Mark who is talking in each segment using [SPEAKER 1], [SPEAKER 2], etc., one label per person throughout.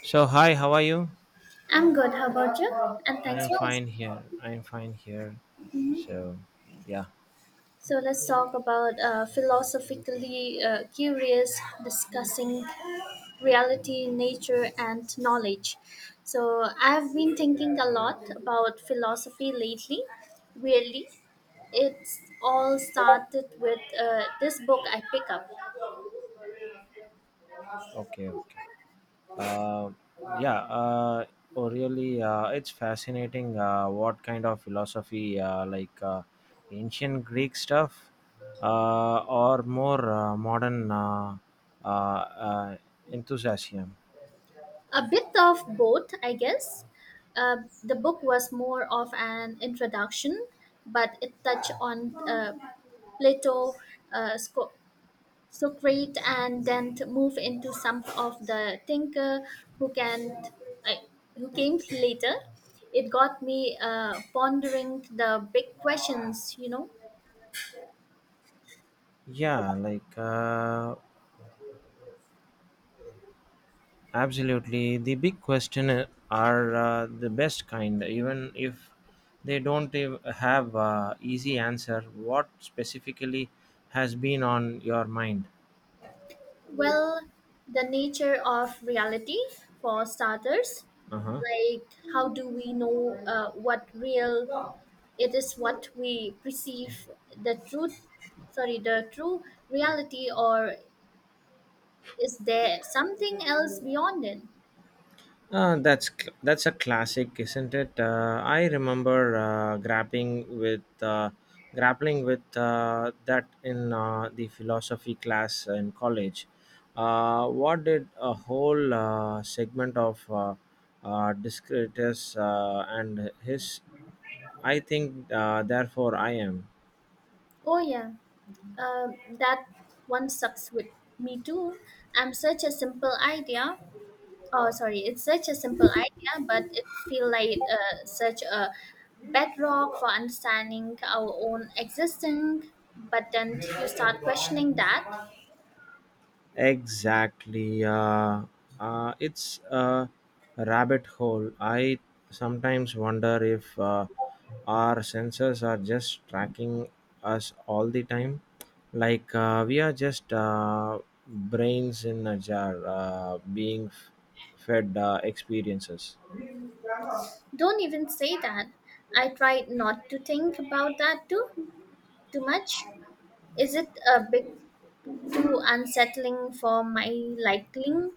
[SPEAKER 1] So hi, how are you?
[SPEAKER 2] I'm good. How about you? And
[SPEAKER 1] I
[SPEAKER 2] thanks
[SPEAKER 1] am
[SPEAKER 2] for
[SPEAKER 1] fine
[SPEAKER 2] asking.
[SPEAKER 1] here. I am fine here. So yeah,
[SPEAKER 2] So let's talk about philosophically curious, discussing reality, nature, and knowledge. So I've been thinking a lot about philosophy lately. Weirdly, it's all started with this book I pick up.
[SPEAKER 1] okay, okay. Uh, yeah, uh, oh, really, it's fascinating. What kind of philosophy, like ancient Greek stuff, or more modern uh, uh, enthusiasm?
[SPEAKER 2] A bit of both I guess. uh, the book was more of an introduction, but it touched on plato uh, Sco- socrates, and then to move into some of the thinker who can uh, who came later. It got me pondering the big questions.
[SPEAKER 1] Yeah, like uh, Absolutely. The big question are the best kind, even if they don't have easy answer. What specifically has been on your mind?
[SPEAKER 2] Well, the nature of reality for starters,
[SPEAKER 1] Uh-huh.
[SPEAKER 2] like how do we know what real. It is what we perceive the the true reality, or is there something else beyond it?
[SPEAKER 1] That's a classic, isn't it? I remember grappling with that in the philosophy class in college. What did a whole segment of Discretus and his "I think, therefore I am."
[SPEAKER 2] Oh, yeah, uh, that one sucks with me too. I'm such a simple idea. Oh, sorry, it's such a simple idea, but it feels like such a bedrock for understanding our own existence. But then you start questioning that.
[SPEAKER 1] Exactly. It's a rabbit hole. I sometimes wonder if our sensors are just tracking us all the time. Like we are just brains in a jar fed experiences.
[SPEAKER 2] Don't even say that. I tried not to think about that too. Too much? Is it a bit too unsettling for my liking?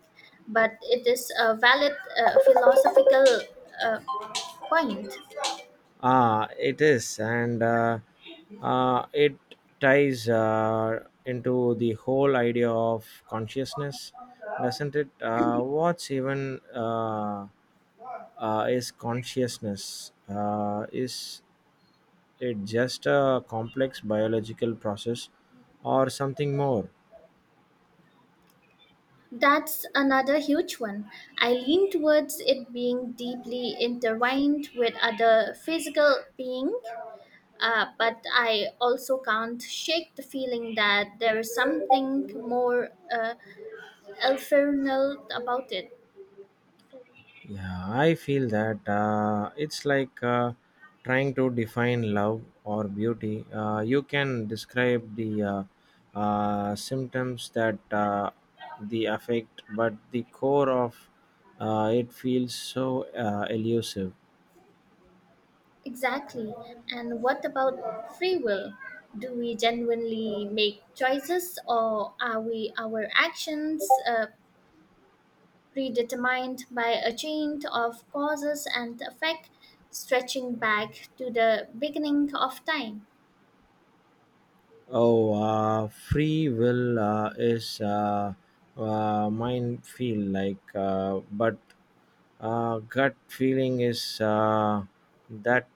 [SPEAKER 2] But it is a valid philosophical uh, point.
[SPEAKER 1] Ah, it is, and it ties into the whole idea of consciousness, doesn't it? What's even is consciousness? Is it just a complex biological process or something more?
[SPEAKER 2] That's another huge one. I lean towards it being deeply intertwined with other physical being, but I also can't shake the feeling that there is something more ephemeral about it.
[SPEAKER 1] Yeah, I feel that it's like trying to define love or beauty. You can describe the symptoms that the affect, but the core of it feels so elusive.
[SPEAKER 2] Exactly. And what about free will? Do we genuinely make choices, or are we our actions predetermined by a chain of causes and effect stretching back to the beginning of time?
[SPEAKER 1] Oh, free will is mine feel like, but gut feeling is that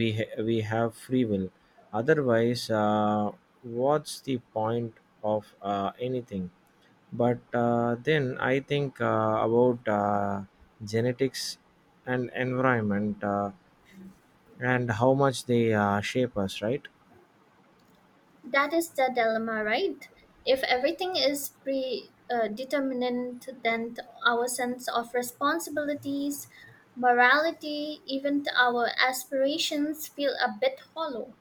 [SPEAKER 1] we have free will. Otherwise, what's the point of anything? But then I think about genetics and environment and how much they shape us, right?
[SPEAKER 2] That is the dilemma, right? If everything is predetermined, determinant, then our sense of responsibilities, morality, even our aspirations feel a bit hollow.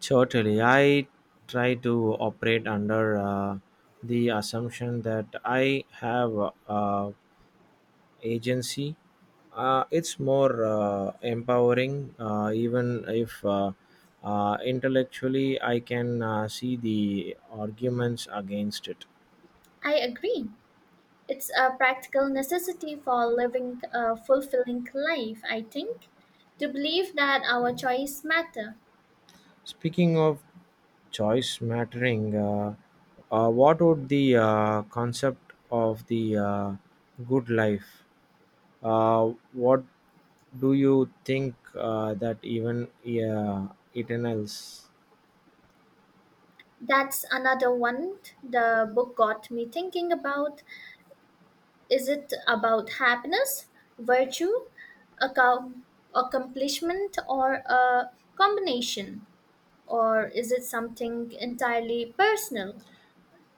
[SPEAKER 1] Totally. I try to operate under the assumption that I have uh, agency. It's more empowering, even if intellectually I can see the arguments against it.
[SPEAKER 2] I agree. It's a practical necessity for living a fulfilling life, I think, to believe that our choice matter.
[SPEAKER 1] Speaking of choice mattering, what would the concept of the good life? What do you think that even Eternals?
[SPEAKER 2] That's another one the book got me thinking about. Is it about happiness, virtue, accom- accomplishment, or a combination? Or is it something entirely personal?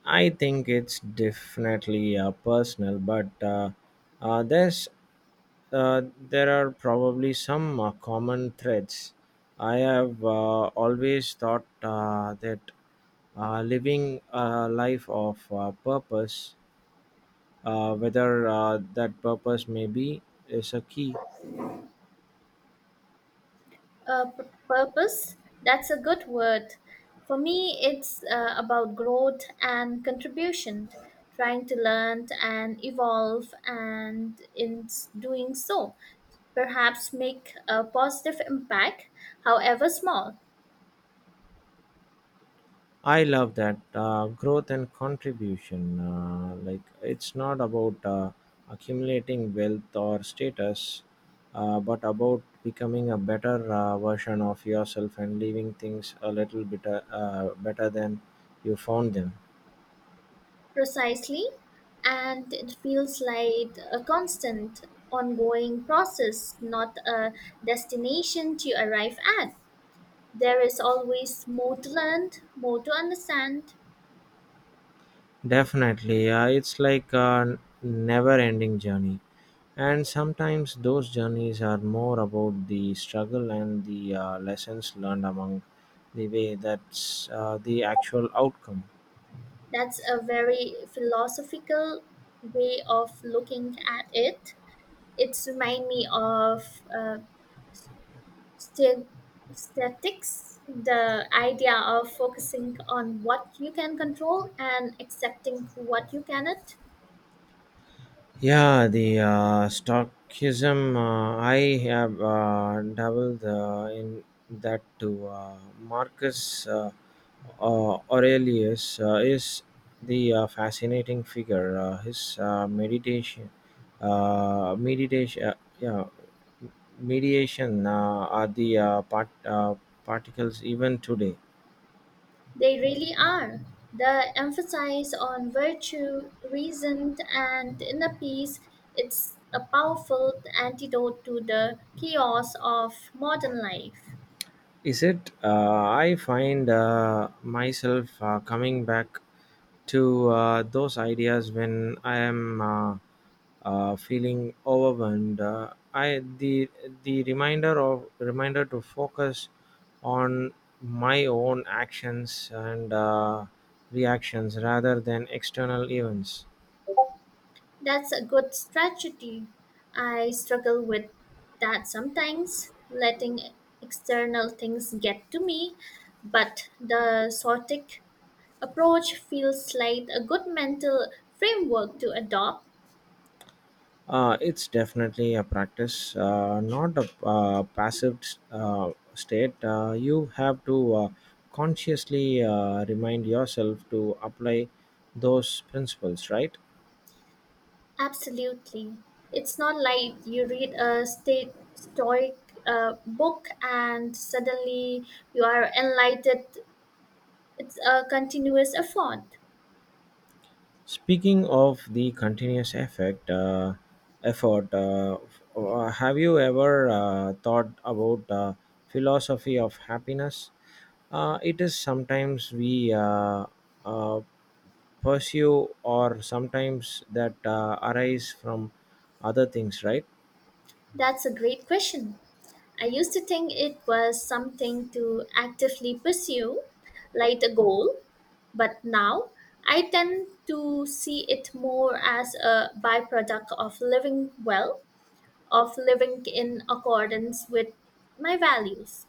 [SPEAKER 1] I think it's definitely personal, but there's there are probably some common threads. I have always thought that living a life of purpose, whether that purpose may be, is a key.
[SPEAKER 2] P purpose, that's a good word. For me, it's about growth and contribution, trying to learn and evolve, and doing so, perhaps make a positive impact, however small,
[SPEAKER 1] I love that growth and contribution. Like it's not about accumulating wealth or status, but about becoming a better version of yourself and leaving things a little bit better than you found them.
[SPEAKER 2] precisely. And it feels like a constant, ongoing process, not a destination to arrive at. There is always more to learn, more to understand.
[SPEAKER 1] Definitely, it's like a never-ending journey, and sometimes those journeys are more about the struggle and the lessons learned among the way that's the actual outcome.
[SPEAKER 2] That's a very philosophical way of looking at it. It's remind me of uh, st- statics, the idea of focusing on what you can control and accepting what you cannot.
[SPEAKER 1] Yeah, the stockism I have dabbled in that too. Marcus Aurelius is the fascinating figure. His uh, meditation, uh, yeah, mediation are the particles even today.
[SPEAKER 2] They really are. The emphasis on virtue, reason, and inner peace. It's a powerful antidote to the chaos of modern life.
[SPEAKER 1] Is it? I find myself coming back to those ideas when I am feeling overwhelmed. I the reminder of reminder to focus on my own actions and reactions rather than external events.
[SPEAKER 2] That's a good strategy. I struggle with that sometimes, letting external things get to me, but the sortic approach feels like a good mental framework to adopt.
[SPEAKER 1] It's definitely a practice, not a passive state. You have to consciously remind yourself to apply those principles, right?
[SPEAKER 2] Absolutely. It's not like you read a state stoic book and suddenly you are enlightened. It's a continuous effort.
[SPEAKER 1] Speaking of the continuous effort, have you ever thought about philosophy of happiness? It is sometimes we uh, pursue or sometimes that arise from other things, right?
[SPEAKER 2] That's a great question. I used to think it was something to actively pursue, like a goal, but now I tend to see it more as a byproduct of living well, of living in accordance with my values.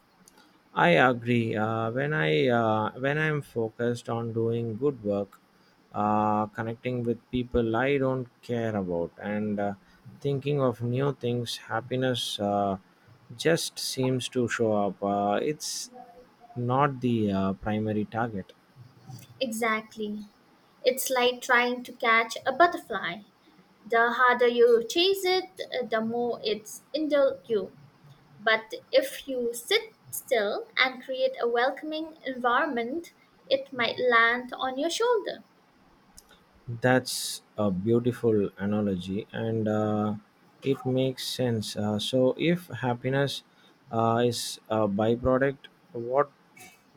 [SPEAKER 1] I agree, when I'm focused on doing good work, connecting with people I don't care about and thinking of new things, happiness just seems to show up. It's not the primary target.
[SPEAKER 2] Exactly. It's like trying to catch a butterfly. The harder you chase it, the more it's indulge you. But if you sit still and create a welcoming environment, it might land on your shoulder.
[SPEAKER 1] That's a beautiful analogy, and it makes sense. So, if happiness is a byproduct, what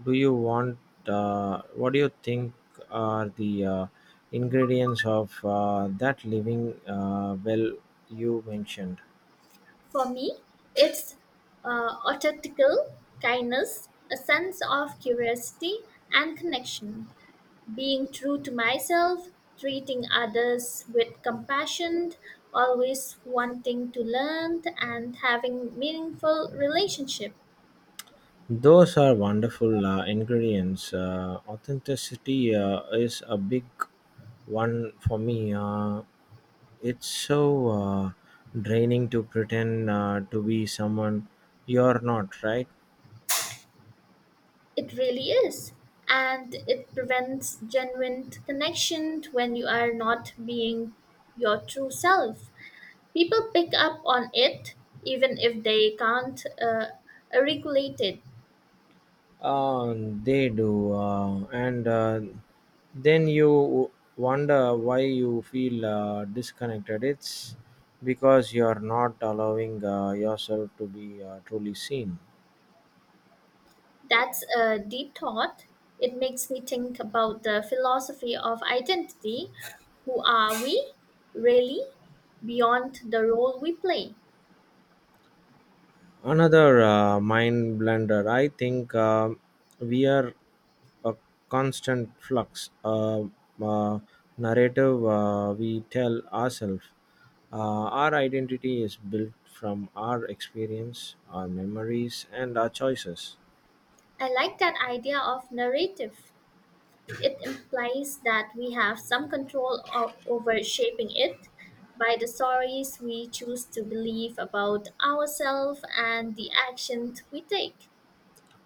[SPEAKER 1] do you want? What do you think are the ingredients of that living well you mentioned?
[SPEAKER 2] For me, it's authentical kindness, a sense of curiosity and connection, being true to myself, treating others with compassion, always wanting to learn and having meaningful relationship.
[SPEAKER 1] Those are wonderful ingredients. Authenticity is a big one for me. It's so draining to pretend to be someone you're not, right?
[SPEAKER 2] It really is. And it prevents genuine connection when you are not being your true self. People pick up on it even if they can't regulate it.
[SPEAKER 1] Uh, they do. And then you wonder why you feel disconnected. It's because you're not allowing yourself to be truly seen.
[SPEAKER 2] That's a deep thought. It makes me think about the philosophy of identity. Who are we really beyond the role we play?
[SPEAKER 1] Another mind blender. I think we are a constant flux. Uh, Narrative we tell ourselves. Our identity is built from our experience, our memories, and our choices.
[SPEAKER 2] I like that idea of narrative. It implies that we have some control over shaping it by the stories we choose to believe about ourselves and the actions we take.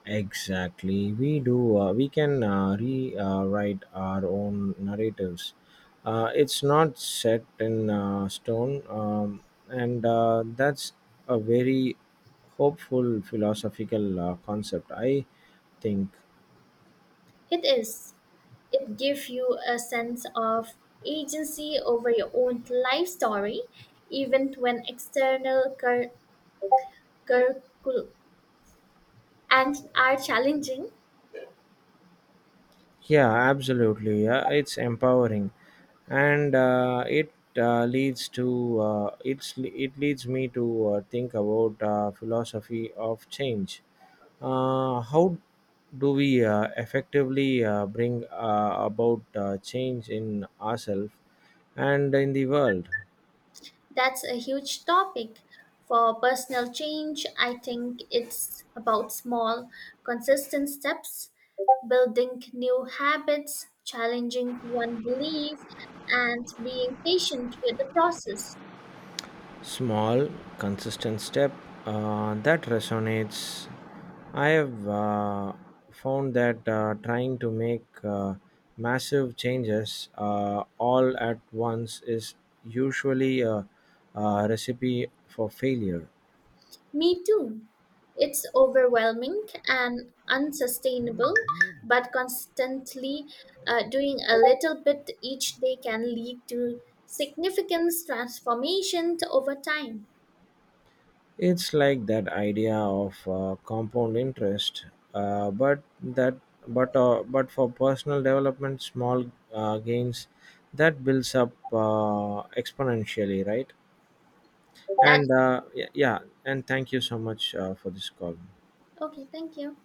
[SPEAKER 1] Exactly. We do. We can rewrite our own narratives. It's not set in stone, and that's a very hopeful philosophical concept, I think.
[SPEAKER 2] It is. It gives you a sense of agency over your own life story, even when external curricul- and are challenging.
[SPEAKER 1] Yeah, absolutely. Yeah, it's empowering, and it leads me to think about philosophy of change. How do we effectively bring about change in ourselves and in the world?
[SPEAKER 2] That's a huge topic. For personal change, I think it's about small, consistent steps, building new habits, challenging one belief, and being patient with the process.
[SPEAKER 1] Small consistent step that resonates. I have found that trying to make massive changes all at once is usually a recipe for failure.
[SPEAKER 2] Me too. It's overwhelming and unsustainable, but constantly doing a little bit each day can lead to significant transformation over time.
[SPEAKER 1] It's like that idea of compound interest, but that but for personal development small gains that builds up exponentially, right?
[SPEAKER 2] That.
[SPEAKER 1] And yeah, yeah, and thank you so much for this call.
[SPEAKER 2] Okay, thank you.